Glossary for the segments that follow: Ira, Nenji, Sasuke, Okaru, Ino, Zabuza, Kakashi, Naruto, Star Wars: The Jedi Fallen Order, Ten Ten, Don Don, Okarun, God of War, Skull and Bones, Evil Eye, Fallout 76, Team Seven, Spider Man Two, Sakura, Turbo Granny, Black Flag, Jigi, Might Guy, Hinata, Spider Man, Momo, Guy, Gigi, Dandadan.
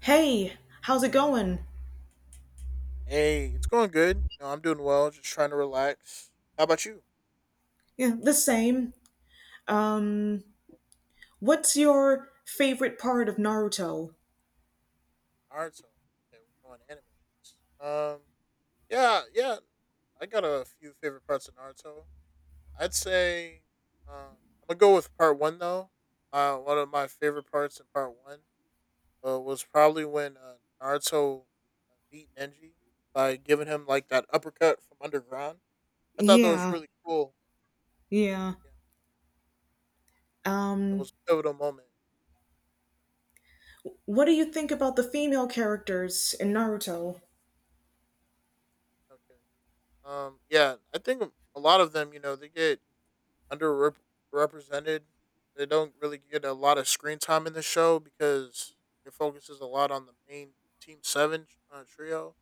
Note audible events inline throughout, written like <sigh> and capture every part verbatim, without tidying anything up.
Hey, how's it going? Hey, it's going good. You know, I'm doing well. Just trying to relax. How about you? Yeah, the same. What's your favorite part of Naruto? All right, so okay, we're going anime. Um, yeah, yeah. I got a few favorite parts of Naruto. I'd say, um, I'm gonna go with part one though. Uh, one of my favorite parts in part one uh, was probably when uh, Naruto uh, beat Nenji by giving him like that uppercut from underground. I thought that was Yeah, really cool. yeah. Yeah, it Um, was a pivotal moment. what do you think about the female characters in Naruto? Okay. Um, yeah, I think a lot of them, you know, they get underrepresented. They don't really get a lot of screen time in the show because it focuses a lot on the main Team Seven uh, trio.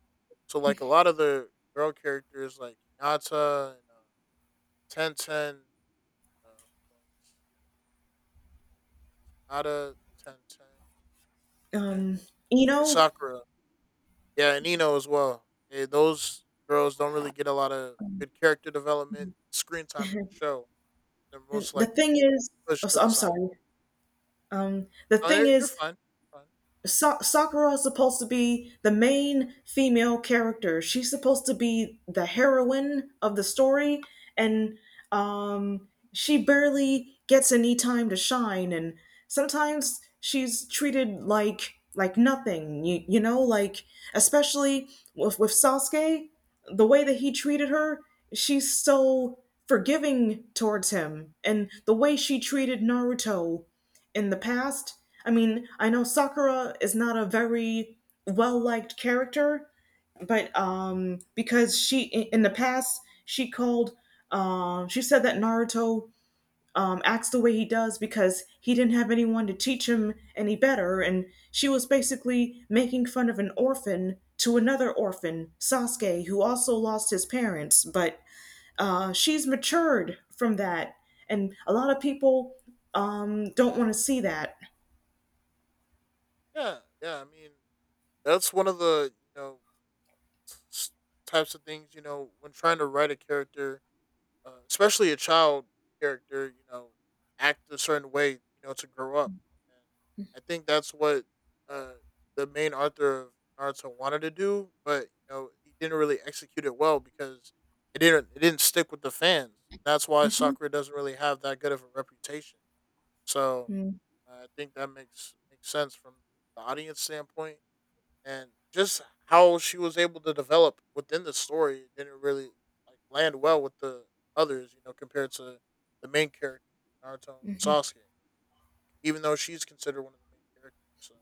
So, like a lot of the girl characters, like Hinata and uh, Ten Ten, uh, Hinata, Ten Ten, and Um, Ino? Sakura, yeah, and Ino as well. Yeah, those girls don't really get a lot of good character development, screen time in the show. They're most The likely thing is, push oh, to so- the I'm side. sorry. Um, the No, thing you're you're is, fine. Fine. Sa- Sakura is supposed to be the main female character. She's supposed to be the heroine of the story, and um, she barely gets any time to shine. And sometimes she's treated like like nothing. You, you know, like especially with with Sasuke, the way that he treated her, she's so forgiving towards him, and the way she treated Naruto in the past. I mean, I know Sakura is not a very well liked character, but um, because she in the past she called, uh, she said that Naruto um, acts the way he does because he didn't have anyone to teach him any better, and she was basically making fun of an orphan to another orphan, Sasuke, who also lost his parents. But uh, she's matured from that, and a lot of people um, don't want to see that. Yeah, yeah. I mean, that's one of the you know s- s- types of things you know when trying to write a character, uh, especially a child character. You know, act a certain way. You know, to grow up. And I think that's what uh, the main author of Naruto wanted to do, but you know he didn't really execute it well because it didn't it didn't stick with the fans. That's why Mhm. Sakura doesn't really have that good of a reputation. So mm. I think that makes makes sense from the audience standpoint, and just how she was able to develop within the story didn't really like land well with the others, you know, compared to the main character, Naruto and Sasuke, even though she's considered one of the main characters. So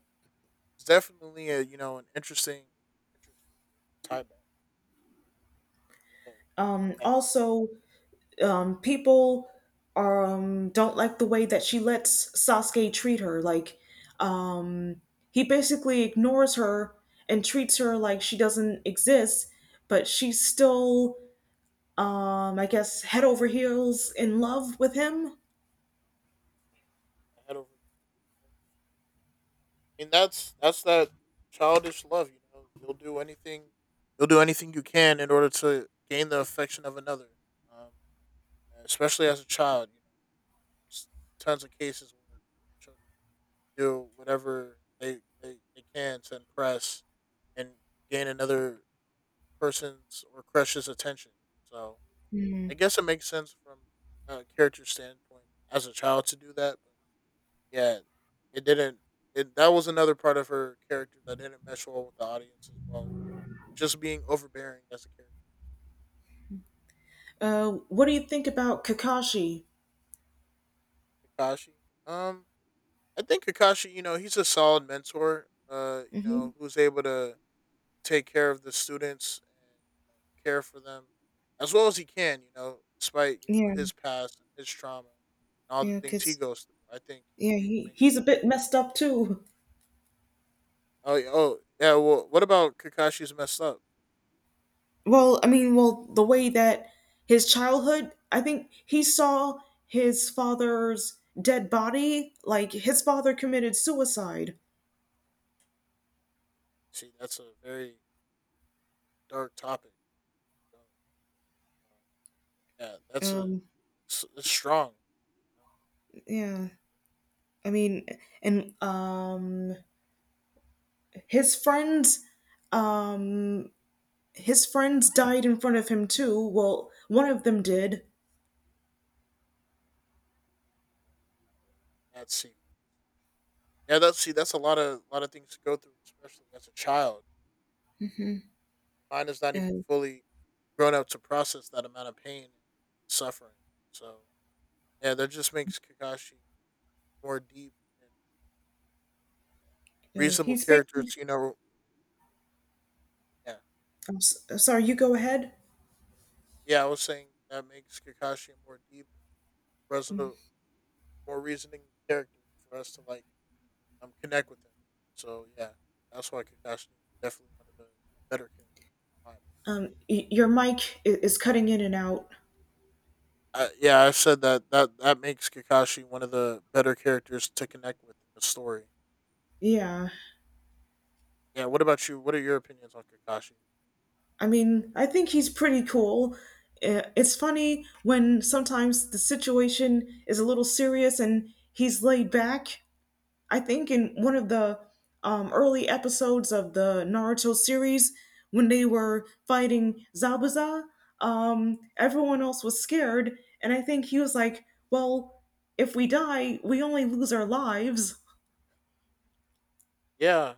it's definitely a you know an interesting interesting tie back. But Um, yeah, you Also, um, people are, um, don't like the way that she lets Sasuke treat her. Like, um, he basically ignores her and treats her like she doesn't exist, but she's still, um, I guess, head over heels in love with him. can head over. Mean, that's that's that childish love. You know, you'll do anything, you'll do anything you can in order to gain the affection of another. Um, especially as a child, you know, there's tons of cases where children do whatever they they, they can to impress and gain another person's or crush's attention. So I guess it makes sense from a character standpoint as a child to do that, but yeah, it didn't. It, that was another part of her character that didn't mesh well with the audience as well. Just being overbearing as a Uh, what do you think about Kakashi? character. Kakashi. Um, I think Kakashi. You know, he's a solid mentor. Uh, you hmm know, Who's able to take care of the students and you know, care for them as well as he can. You know, despite you know Yeah, his past and his trauma and all the yeah, things he because goes through. I think yeah, he, he he, makes. he's a bit messed up too. Oh, yeah, oh, yeah. Well, what about Kakashi's messed up? Well, I mean, well, the way that his childhood, I think he saw his father's dead body, like his father committed suicide. See, that's a very dark topic. So, Um, yeah, that's a Um, s- it's strong. you know, yeah. I mean, and um his friends um his friends died in front of him too. Well, one of them did. That sequel. Yeah, that's see, that's a lot of lot of things to go through, especially as a child. Mine is not even And fully grown up to process that amount of pain and suffering. So yeah, that just makes Kakashi more deep and uh, reasonable he's basically characters. You know, yeah, I'm s- sorry, you go ahead. yeah. I was saying that makes Kakashi a more deep, reasonable, more reasoning character for us to like um connect with him. So yeah, that's why Kakashi is definitely one of the better characters, in my opinion. Um y- your mic i- is cutting in and out. Uh, yeah, I've said that that that makes Kakashi one of the better characters to connect with in the story. Yeah. Yeah. What about you? What are your opinions on Kakashi? I mean, I think he's pretty cool. Uh, it's funny when sometimes the situation is a little serious and he's laid back. I think in one of the um, early episodes of the Naruto series, when they were fighting Zabuza, um, everyone else was scared, and I think he was like, "Well, if we die, we only lose our lives." Yeah.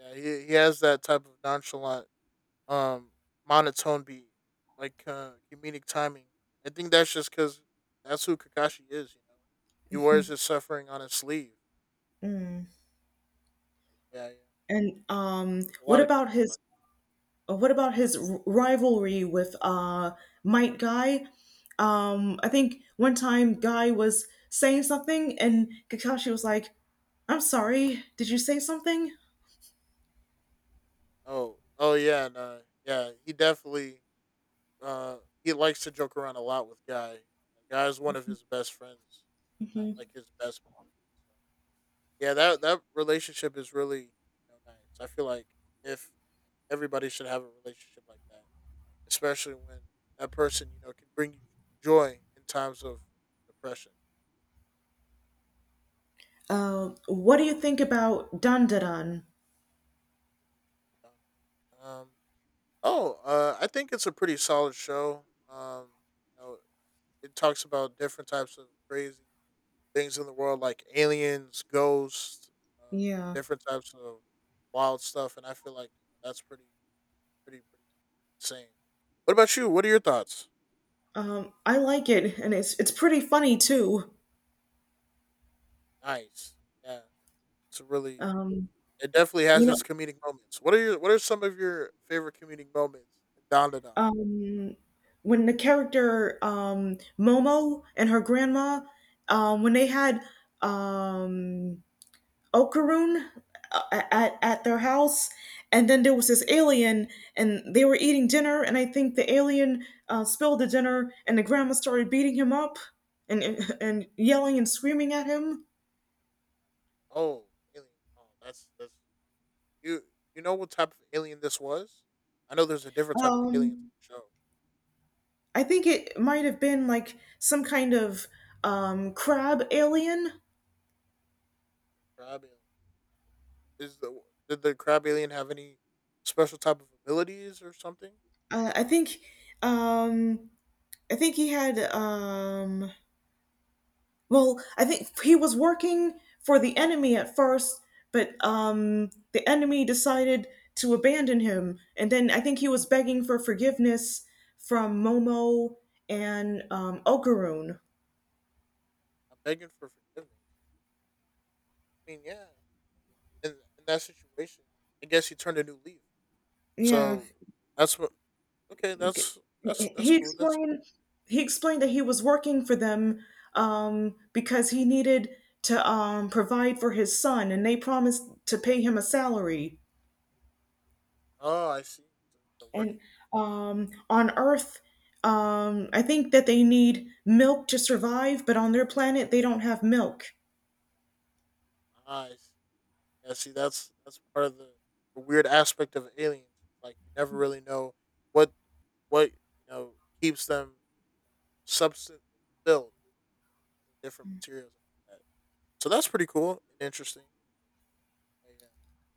Yeah. He he has that type of nonchalant, um, monotone beat, like uh, comedic timing. I think that's just because that's who Kakashi is. You know, he wears his suffering on his sleeve. Mm. Yeah. Yeah. And um, There's a what lot of about characters his like. Uh, what about his r- rivalry with uh, Might Guy? Um, I think one time Guy was saying something, and Kakashi was like, "I'm sorry, did you say something?" Oh. Oh yeah. And, uh, yeah. He definitely. Uh, he likes to joke around a lot with Guy. Guy's one of his best friends, not hmm like his best best. So, yeah, that that relationship is really, you know, nice. I feel like if everybody should have a relationship like that, especially when that person you know can bring you joy in times of depression. Uh, what do you think about Dandadan? Um, oh, uh, I think it's a pretty solid show. Um, you know, it talks about different types of crazy things in the world like aliens, ghosts, um, Yeah, different types of wild stuff, and I feel like that's pretty, pretty, pretty insane. What about you? What are your thoughts? um, I like it, and it's it's pretty funny too. Nice. Yeah, it's a really. Um, It definitely you has know, its comedic moments. What are your What are some of your favorite comedic moments in Don to Don? um, when the character um, Momo and her grandma, um, when they had um, Okaroon uh, at at their house, and then there was this alien, and they were eating dinner, and I think the alien uh, spilled the dinner, and the grandma started beating him up, and <laughs> and, and yelling and screaming at him. Oh, alien. Oh, that's that's you. You know what type of alien this was? I know there's a different type of alien to Um, the show. I think it might have been like some kind of um, crab alien. Crab alien. Is the Did the crab alien have any special type of abilities or something? Uh, I think um, I think he had um, well, I think he was working for the enemy at first, but um, the enemy decided to abandon him. And then I think he was begging for forgiveness from Momo and um, Okarun. I'm begging for forgiveness. I mean, yeah, in in that situation, I guess he turned a new leaf. Yeah, So that's what. Okay, okay. that's that's that's he cool. That's n- explained he explained that he was working for them um, because he needed to um, provide for his son, and they promised to pay him a salary. Oh, I see. So they're And working. um, on Earth, um, I think that they need milk to survive, but on their planet, they don't have milk. Ah, I see. Yeah, see, that's that's part of the, the weird aspect of aliens. Like you never really know what what you know keeps them substance filled with different materials and all that. So that's pretty cool and interesting. Yeah. Yeah.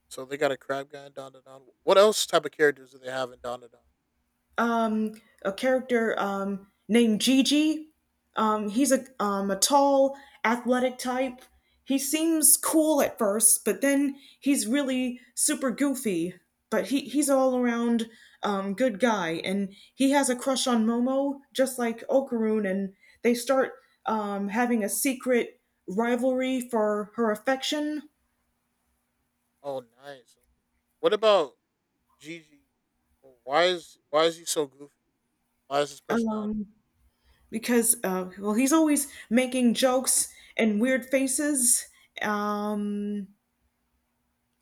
So they got a crab guy in Don Don. Don. What else type of characters do they have in Don Don? Don? um, a character um, named Gigi. Um, he's a um, a tall, athletic type. He seems cool at first, but then he's really super goofy. But he, he's all around um, good guy, and he has a crush on Momo, just like Okarun, and they start um, having a secret rivalry for her affection. Oh, nice. Okay. What about Gigi? Well, why is why is he so goofy? Why is his personality? Um, because uh, well, he's always making jokes and weird faces um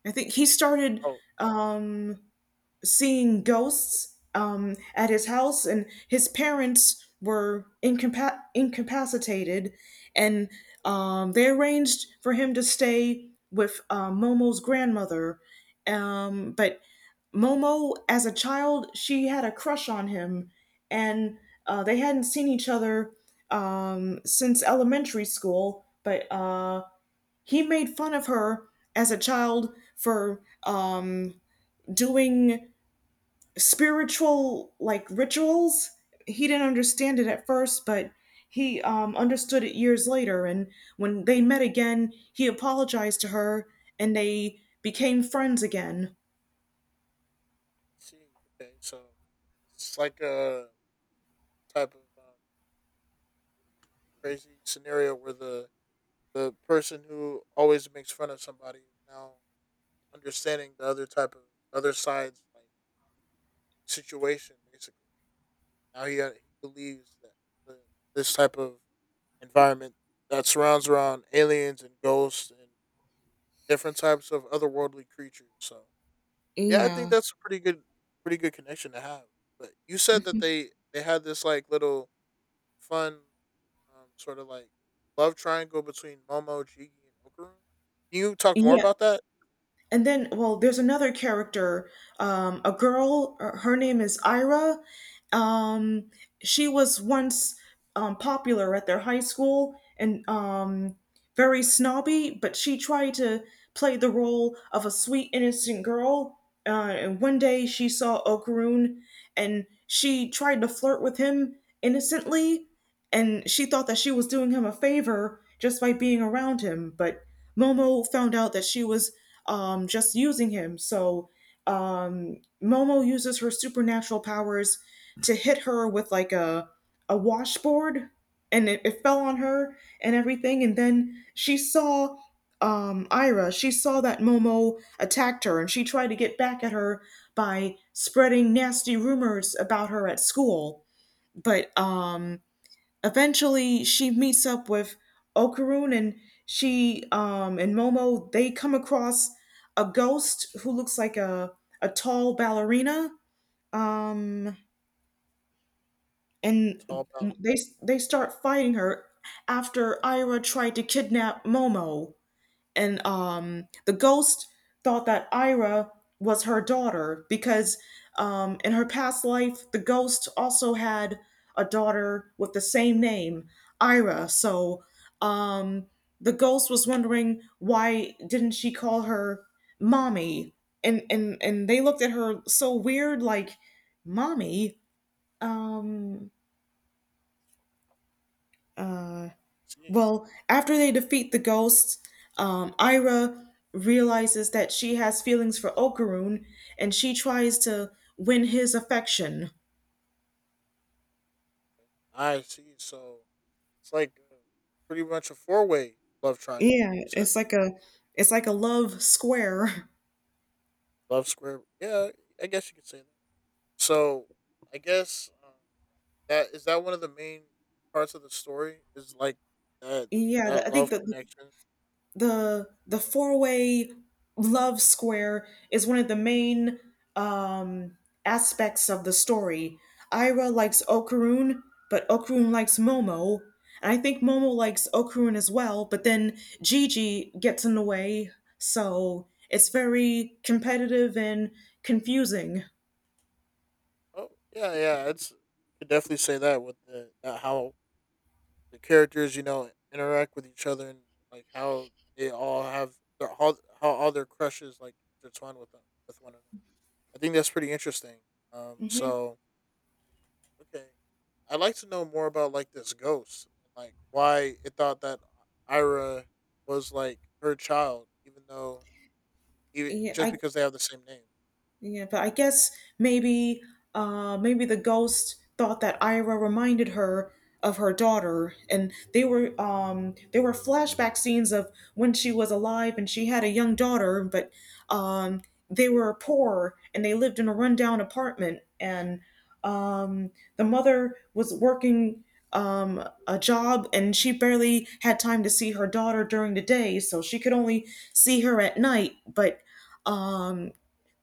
I think he started Oh, I um seeing ghosts um, at his house, and his parents were incapa- incapacitated, and um, they arranged for him to stay with uh, Momo's grandmother. Um, but Momo, as a child, she had a crush on him, and uh, they hadn't seen each other um, since elementary school. But uh, he made fun of her as a child for um, doing spiritual like rituals. He didn't understand it at first, but he um, understood it years later. And when they met again, he apologized to her and they became friends again. see. Okay, so it's like a type of um, crazy scenario where the the person who always makes fun of somebody is now understanding the other type of other side's like situation basically. Now he uh, he believes that the, this type of environment that surrounds around aliens and ghosts and different types of otherworldly creatures. So yeah, I think Yeah. <laughs> that's a pretty good pretty good connection to have. But you said that Mhm. they they had this like little fun, um, sort of like love triangle between Momo, Jigi, and Okaru. Can you talk more Yeah. about that? And then, well, there's another character, um, a girl. Her her name is Ira. Um, she was once um, popular at their high school and um, very snobby, but she tried to play the role of a sweet innocent girl. Uh, and one day she saw Okroon and she tried to flirt with him innocently, and she thought that she was doing him a favor just by being around him. But momo found out that she was um, just using him. So um, Momo uses her supernatural powers to hit her with like a a washboard, and it, it fell on her and everything. And then she saw um, Ira. She saw that Momo attacked her, and she tried to get back at her by spreading nasty rumors about her at school. But um, eventually she meets up with Okaroon, and she um and Momo, they come across a ghost who looks like a a tall ballerina um It's all and about they they start fighting her after Ira tried to kidnap Momo. And um, the ghost thought that Ira was her daughter because um, in her past life, the ghost also had a daughter with the same name, Ira. So um, the ghost was wondering, why didn't she call her mommy? And and and they looked at her so weird, like mommy. Um, uh, see. Well, after they defeat the ghosts, um, Ira realizes that she has feelings for Okaroon and she tries to win his affection. I see. So it's like uh, pretty much a four way love triangle. Yeah, Is that it's like a it's like a love square. <laughs> love square. Yeah, I guess you could say that. So I guess um, that is that one of the main parts of the story is like that Yeah, th- that I love think the, the connection. the the four way love square is one of the main um, aspects of the story. Ira likes Okarun, but Okarun likes Momo, and I think Momo likes Okarun as well. But then Gigi gets in the way, so it's very competitive and confusing. Oh yeah, yeah. It's you could definitely say that with the that how the characters you know interact with each other, and like how they all have their how how all their crushes like intertwine with them, with one another. I think that's pretty interesting. Um, hmm so okay. I'd like to know more about like this ghost and like why it thought that Ira was like her child, even though even, Yeah, just I because they have the same name. Yeah, but I guess maybe uh maybe the ghost thought that Ira reminded her of her daughter, and they were um there were flashback scenes of when she was alive and she had a young daughter. But um they were poor and they lived in a rundown apartment, and um the mother was working um a job, and she barely had time to see her daughter during the day, so she could only see her at night, but um.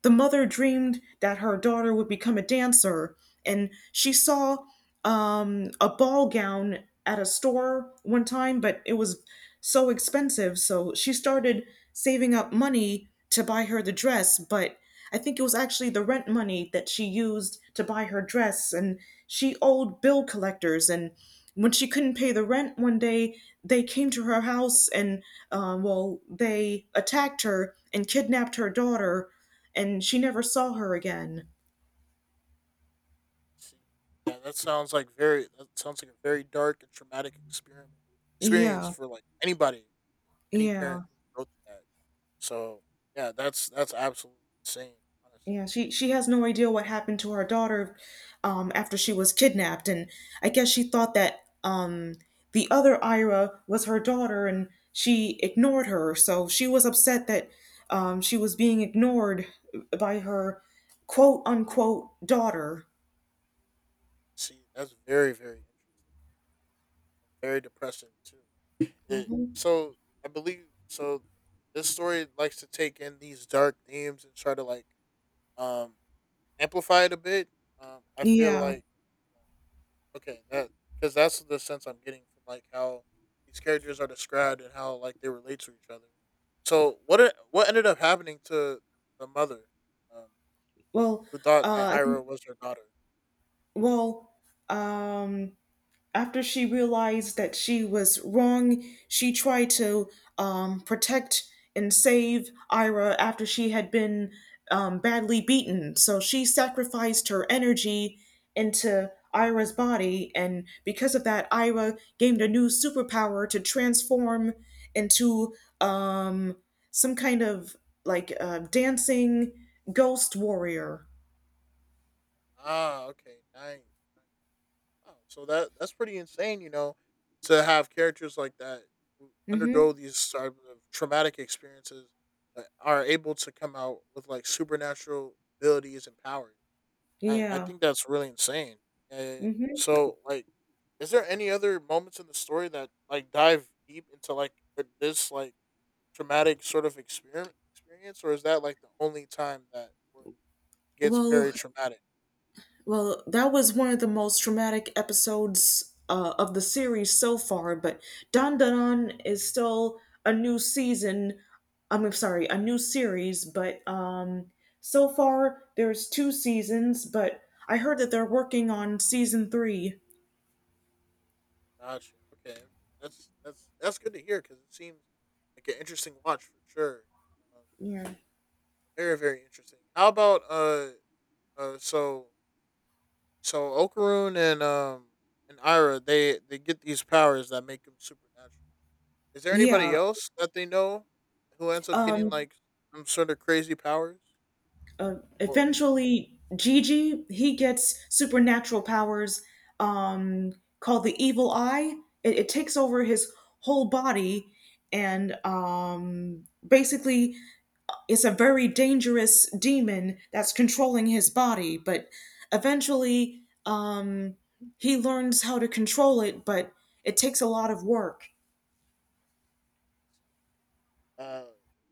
the mother dreamed that her daughter would become a dancer, and she saw um, a ball gown at a store one time, but it was so expensive. So she started saving up money to buy her the dress, but I think it was actually the rent money that she used to buy her dress, and she owed bill collectors. And when she couldn't pay the rent one day, they came to her house, and um, well, they attacked her and kidnapped her daughter, and she never saw her again. See, yeah, that sounds like very that sounds like a very dark and traumatic experiment experience Yeah, for like anybody, any yeah, parent who go through that. So yeah, that's that's absolutely insane. Honestly, yeah. She she has no idea what happened to her daughter um, after she was kidnapped, and I guess she thought that um, the other Ira was her daughter, and she ignored her. So she was upset that um, she was being ignored by her quote unquote daughter. see, that's very, very interesting, very depressing too. It, hmm so I believe so. This story likes to take in these dark themes and try to like um amplify it a bit. Um, I feel Yeah. like okay that because that's the sense I'm getting from like how these characters are described and how like they relate to each other. So what e- what ended up happening to the mother, um, Well, who thought uh, that I think- Ira was her daughter? well, um, after she realized that she was wrong, she tried to um, protect and save Ira after she had been um, badly beaten. So she sacrificed her energy into Ira's body, and because of that, Ira gained a new superpower to transform into um, some kind of like uh, dancing ghost warrior. Ah, okay, nice. Wow. So that that's pretty insane, you know, to have characters like that who Mm-hmm. undergo these type of traumatic experiences that are able to come out with like supernatural abilities and powers. I, I Yeah. think that's really insane. Uh, Mm-hmm. so like is there any other moments in the story that like dive deep into like, uh, this like traumatic sort of experiment experience, or is that like the only time that where it gets very Well, traumatic? Well, that was one of the most traumatic episodes uh, of the series so far, but Don Don is still a new season. I'm sorry, a new series, but um, so far there's two seasons, but I heard that they're working on season three. Gotcha. Okay. Okay. That's that's that's good to hear because it seems like an interesting watch for sure. Um, Yeah. very, very interesting. How about uh uh so so Okaroon and um and Ira, they they get these powers that make them supernatural. Is there anybody Yeah. else that they know who ends up getting Um, like some sort of crazy powers, uh, or Eventually Gigi he gets supernatural powers um, called the Evil Eye. It, it takes over his whole body, and um, basically it's a very dangerous demon that's controlling his body. But eventually um, he learns how to control it, but it takes a lot of work. uh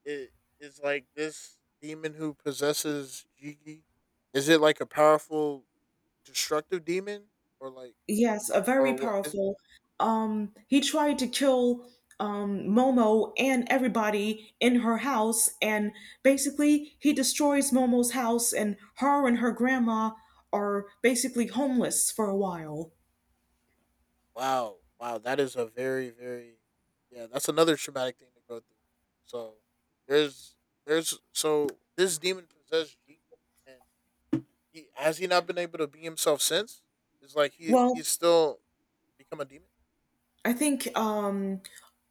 it is like this demon who possesses Jiki? Is it like a powerful destructive demon or like? Yes, a very Or what is powerful. Um, he tried to kill um, Momo and everybody in her house, and basically he destroys Momo's house, and her and her grandma are basically homeless for a while. wow, wow, that is a very, very, yeah, that's another traumatic thing to go through. So there's there's so this demon possessed G, and he has he not been able to be himself since? It's like he Well, he's still become a demon? I think um,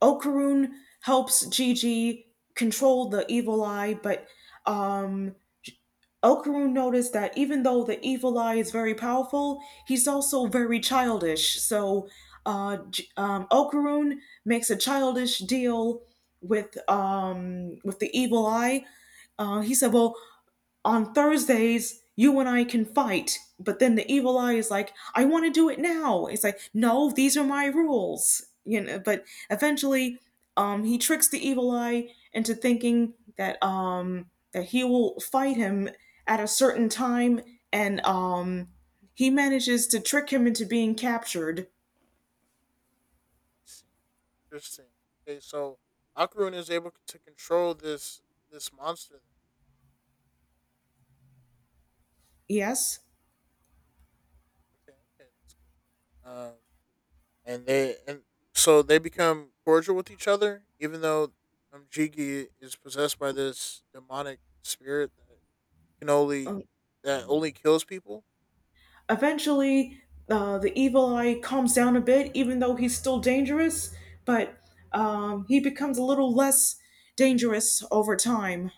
Okarun helps Gigi control the evil eye, but um, Okarun noticed that even though the evil eye is very powerful, he's also very childish. So, uh, um, Okarun makes a childish deal with um, with the evil eye. Uh, he said, "Well, on Thursdays, you and I can fight." But then the evil eye is like, "I want to do it now." It's like, "No, these are my rules. You know?" But eventually, um, he tricks the evil eye into thinking that um that he will fight him at a certain time, and um, he manages to trick him into being captured. See? Interesting. Okay, so Akurun is able to control this this monster then. Yes. Okay, okay, that's good. Um and they and so they become cordial with each other, even though um, Jiggy is possessed by this demonic spirit that can only Uh, that only kills people. Eventually, uh, the evil eye calms down a bit, even though he's still dangerous, but um, he becomes a little less dangerous over time.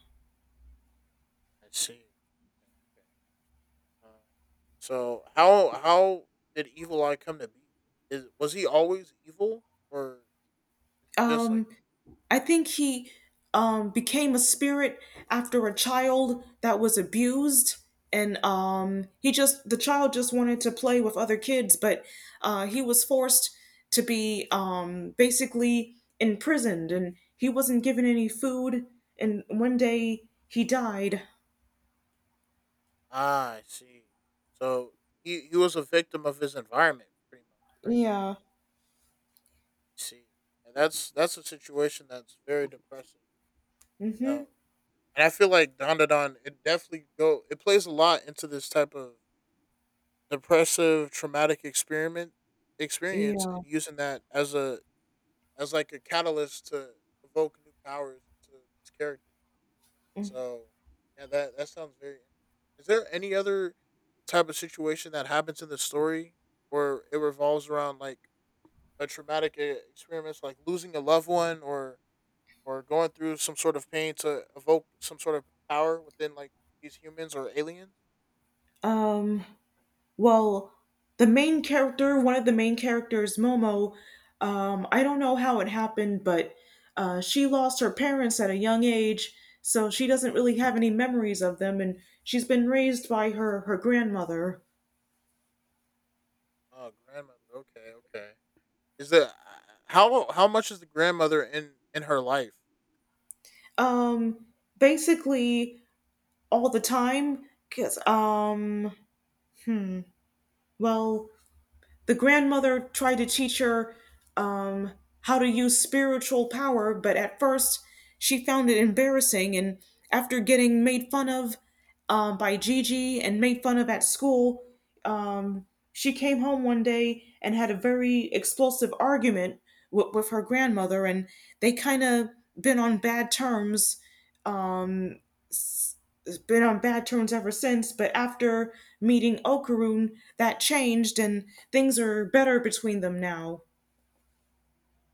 I see. Uh, so how how did Evil Eye come to be? Is was he always evil, or is he just like Um, I think he um, became a spirit after a child that was abused, and um, he just the child just wanted to play with other kids, but uh, he was forced to be um, basically imprisoned, and he wasn't given any food. And one day he died. ah? I see. So he he was a victim of his environment, pretty much, right? Yeah. I see, and that's that's a situation that's very depressing. Mm-hmm. Now, And I feel like Don Da Don, it definitely go it plays a lot into this type of depressive traumatic experiment experience Yeah. and using that as a as like a catalyst to evoke new powers to this character. So yeah, that that sounds very interesting. Is there any other type of situation that happens in the story where it revolves around like a traumatic uh, experience like losing a loved one or or going through some sort of pain to evoke some sort of power within like these humans or aliens? Um, well, the main character, one of the main characters, Momo, um, I don't know how it happened, but uh, she lost her parents at a young age, so she doesn't really have any memories of them, and she's been raised by her her grandmother. Oh, grandmother. Okay, okay. Is the uh, how how much is the grandmother in in her life? Um, Basically all the time, because um, well, the grandmother tried to teach her um, how to use spiritual power, but at first she found it embarrassing. And after getting made fun of um, by Gigi and made fun of at school, um, she came home one day and had a very explosive argument with, with her grandmother, and they kind of been on bad terms, um, it's been on bad terms ever since. But after meeting Okarun, that changed and things are better between them now.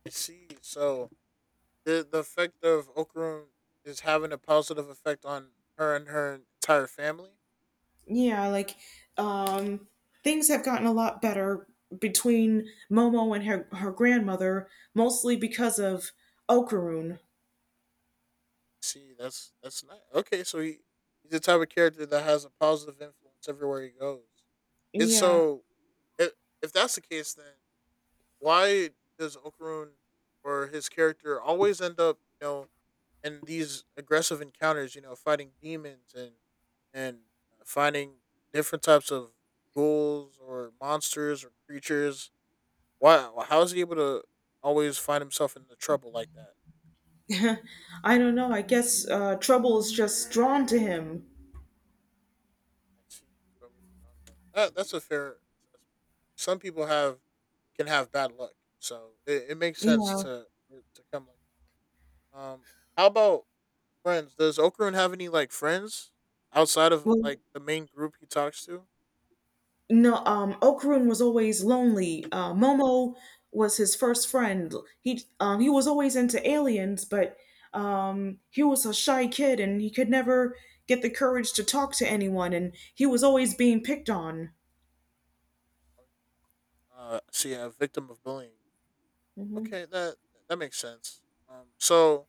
I see. So the the effect of Okrum is having a positive effect on her and her entire family. Yeah, like, um, things have gotten a lot better between Momo and her her grandmother, mostly because of Okarun. See, that's that's nice. Okay. So he he's the type of character that has a positive influence everywhere he goes. It's Yeah. so if if that's the case, then why does Okarun or his character always end up, you know, in these aggressive encounters, you know, fighting demons and and uh, finding different types of ghouls or monsters or creatures? Why? How is he able to always find himself in the trouble like that? <laughs> I don't know. I guess uh, trouble is just drawn to him. I see, trouble around him. That, that's a fair assessment. Some people have can have bad luck, so it, it makes sense Yeah. to for it to come like. Um, how about friends? Does Okarun have any like friends outside of Well, like the main group he talks to? no, um, Okrun was always lonely. Uh, Momo was his first friend. He um, he was always into aliens, but um, he was a shy kid and he could never get the courage to talk to anyone, and he was always being picked on. Uh, see, a victim of bullying. Hmm. Okay, that that makes sense. Um, so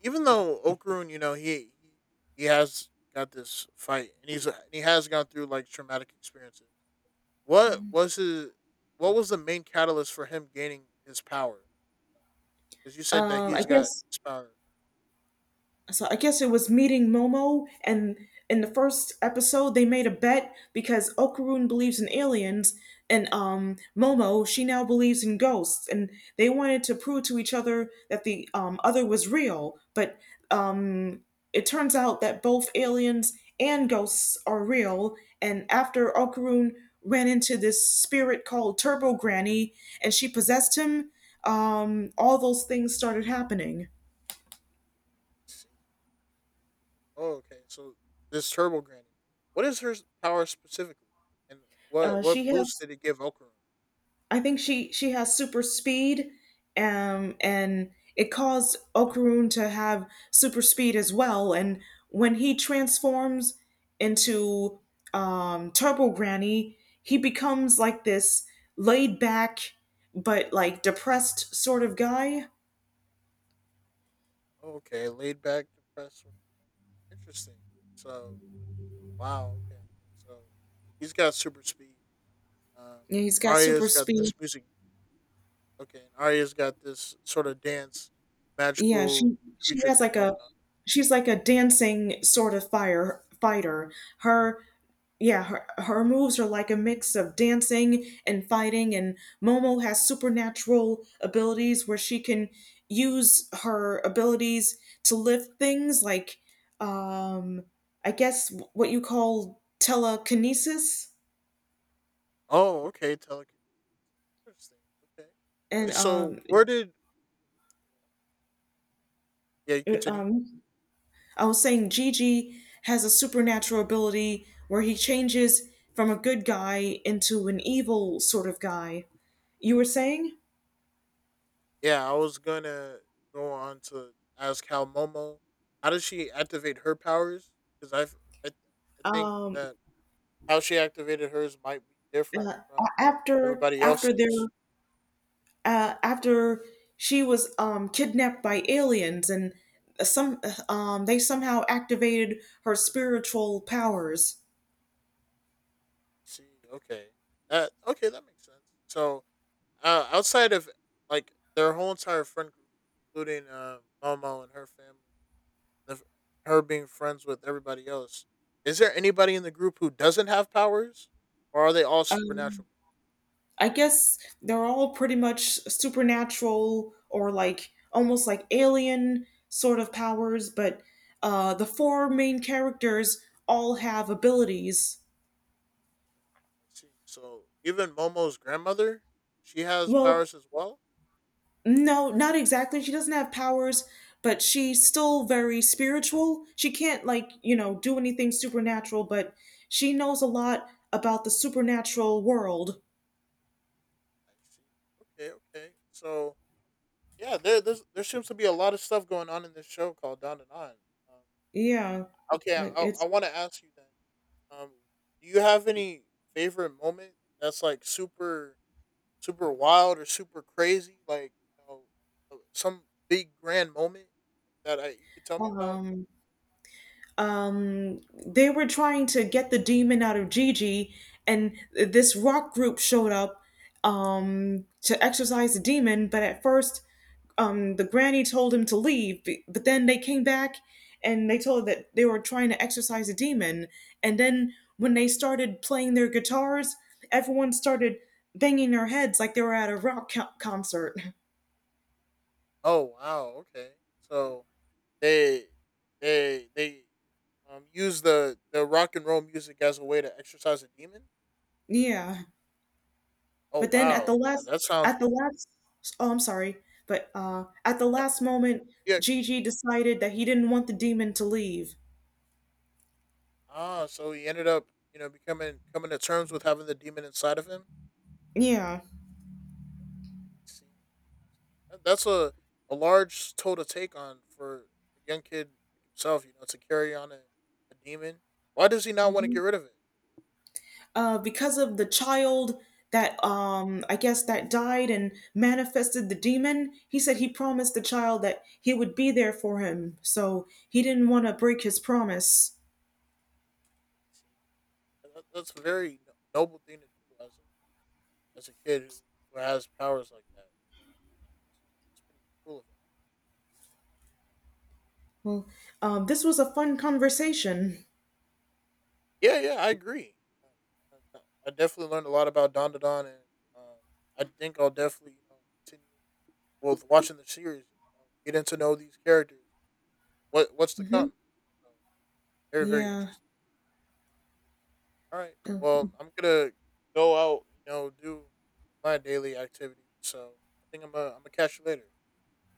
even though Okarun, you know, he he he has got this fight, and he's and he has gone through like traumatic experiences. What was his? What was the main catalyst for him gaining his power? Because you said that Uh, I he's got guess his power. so I guess it was meeting Momo, and in the first episode they made a bet because Okarun believes in aliens, and um Momo she now believes in ghosts, and they wanted to prove to each other that the um other was real, but um it turns out that both aliens and ghosts are real, and after Okarun ran into this spirit called Turbo Granny, and she possessed him, um all those things started happening. Oh, okay. So this Turbo Granny, what is her s- power specifically, and what Uh, what She boost has, did it give Okarum? I think she she has super speed, um, and it caused Okaroon to have super speed as well. And when he transforms into um, Turbo Granny, he becomes like this laid back but like depressed sort of guy. Oh, okay, laid back, depressed sort of. Interesting. So wow, okay. So he's got super speed. Um, And he's got super Arya's got this speed. music. Okay, and Arya's got this sort of dance, Yeah, magical she she creature has thing like a, going on. she's like a dancing sort of fire fighter. Her, yeah, her, her moves are like a mix of dancing and fighting, and Momo has supernatural abilities where she can use her abilities to lift things, like, um, I guess what you call telekinesis. Oh, okay, telekinesis. Interesting. Okay. And So um, where did yeah? You uh, continue. um, I was saying Gigi has a supernatural ability where he changes from a good guy into an evil sort of guy. You were saying? Yeah, I was gonna go on to ask how Momo, how does she activate her powers? Because I, I, I think Um, that how she activated hers might be different uh, from a- after everybody after their, else's. uh, after she was um, kidnapped by aliens and some, um, they somehow activated her spiritual powers. See, okay, that okay, that makes sense. So uh, outside of like their whole entire friend group, including um, Momo and her family, the, her being friends with everybody else, is there anybody in the group who doesn't have powers, or are they all Um, supernatural? I guess they're all pretty much supernatural or like almost like alien sort of powers, but uh, the four main characters all have abilities. See. So even Momo's grandmother, she has Well, powers as well. no, not exactly. She doesn't have powers, but she's still very spiritual. She can't, like, you know, do anything supernatural, but she knows a lot about the supernatural world. I see. Okay, okay. So yeah, there there's, there seems to be a lot of stuff going on in this show called Down and On. Um, Yeah. okay, It- I I It's, want to ask you then. Um, do you have any favorite moment that's like super super wild or super crazy? Like you know, uh, some big grand moment that I you could tell me about? um, um, they were trying to get the demon out of Gigi, and this rock group showed up um, to exorcise the demon. But at first, um, the granny told him to leave, but then they came back and they told her that they were trying to exorcise the demon. And then when they started playing their guitars, everyone started banging their heads like they were at a rock co- concert. Oh wow, okay. So they they they um use the the rock and roll music as a way to exorcise a demon. <laughs> Yeah. Oh But then at the wow, yeah, last, that at sounds the last, Oh, I'm sorry, but uh, at the yeah. last moment, Yeah. Gigi decided that he didn't want the demon to leave. Ah, so he ended up, you know, becoming coming to terms with having the demon inside of him. Yeah. See, That- that's a a large toll to take on for a young kid like himself. You know, to carry on a, a demon. Why does he not want to Hmm. get rid of it? Uh, because of the child that, um, I guess that died and manifested the demon, he said he promised the child that he would be there for him. So he didn't want to break his promise. See, that, that's a very no- noble thing to do as a as a kid who, who has powers like that. So it's, it's pretty cool of him. Well, um, this was a fun conversation. Yeah, yeah, I agree. I, I I definitely learned a lot about Don Don, and um, I think I'll definitely, you know, continue with watching the series, you know, getting to know these characters, what what's to Hmm. come. So, very very Yeah. interesting. All right, well, I'm gonna go out, you know, do my daily activities. So I think I'm gonna, I'm gonna catch you later.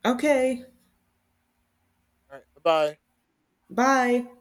Okay. All right, bye bye. Bye.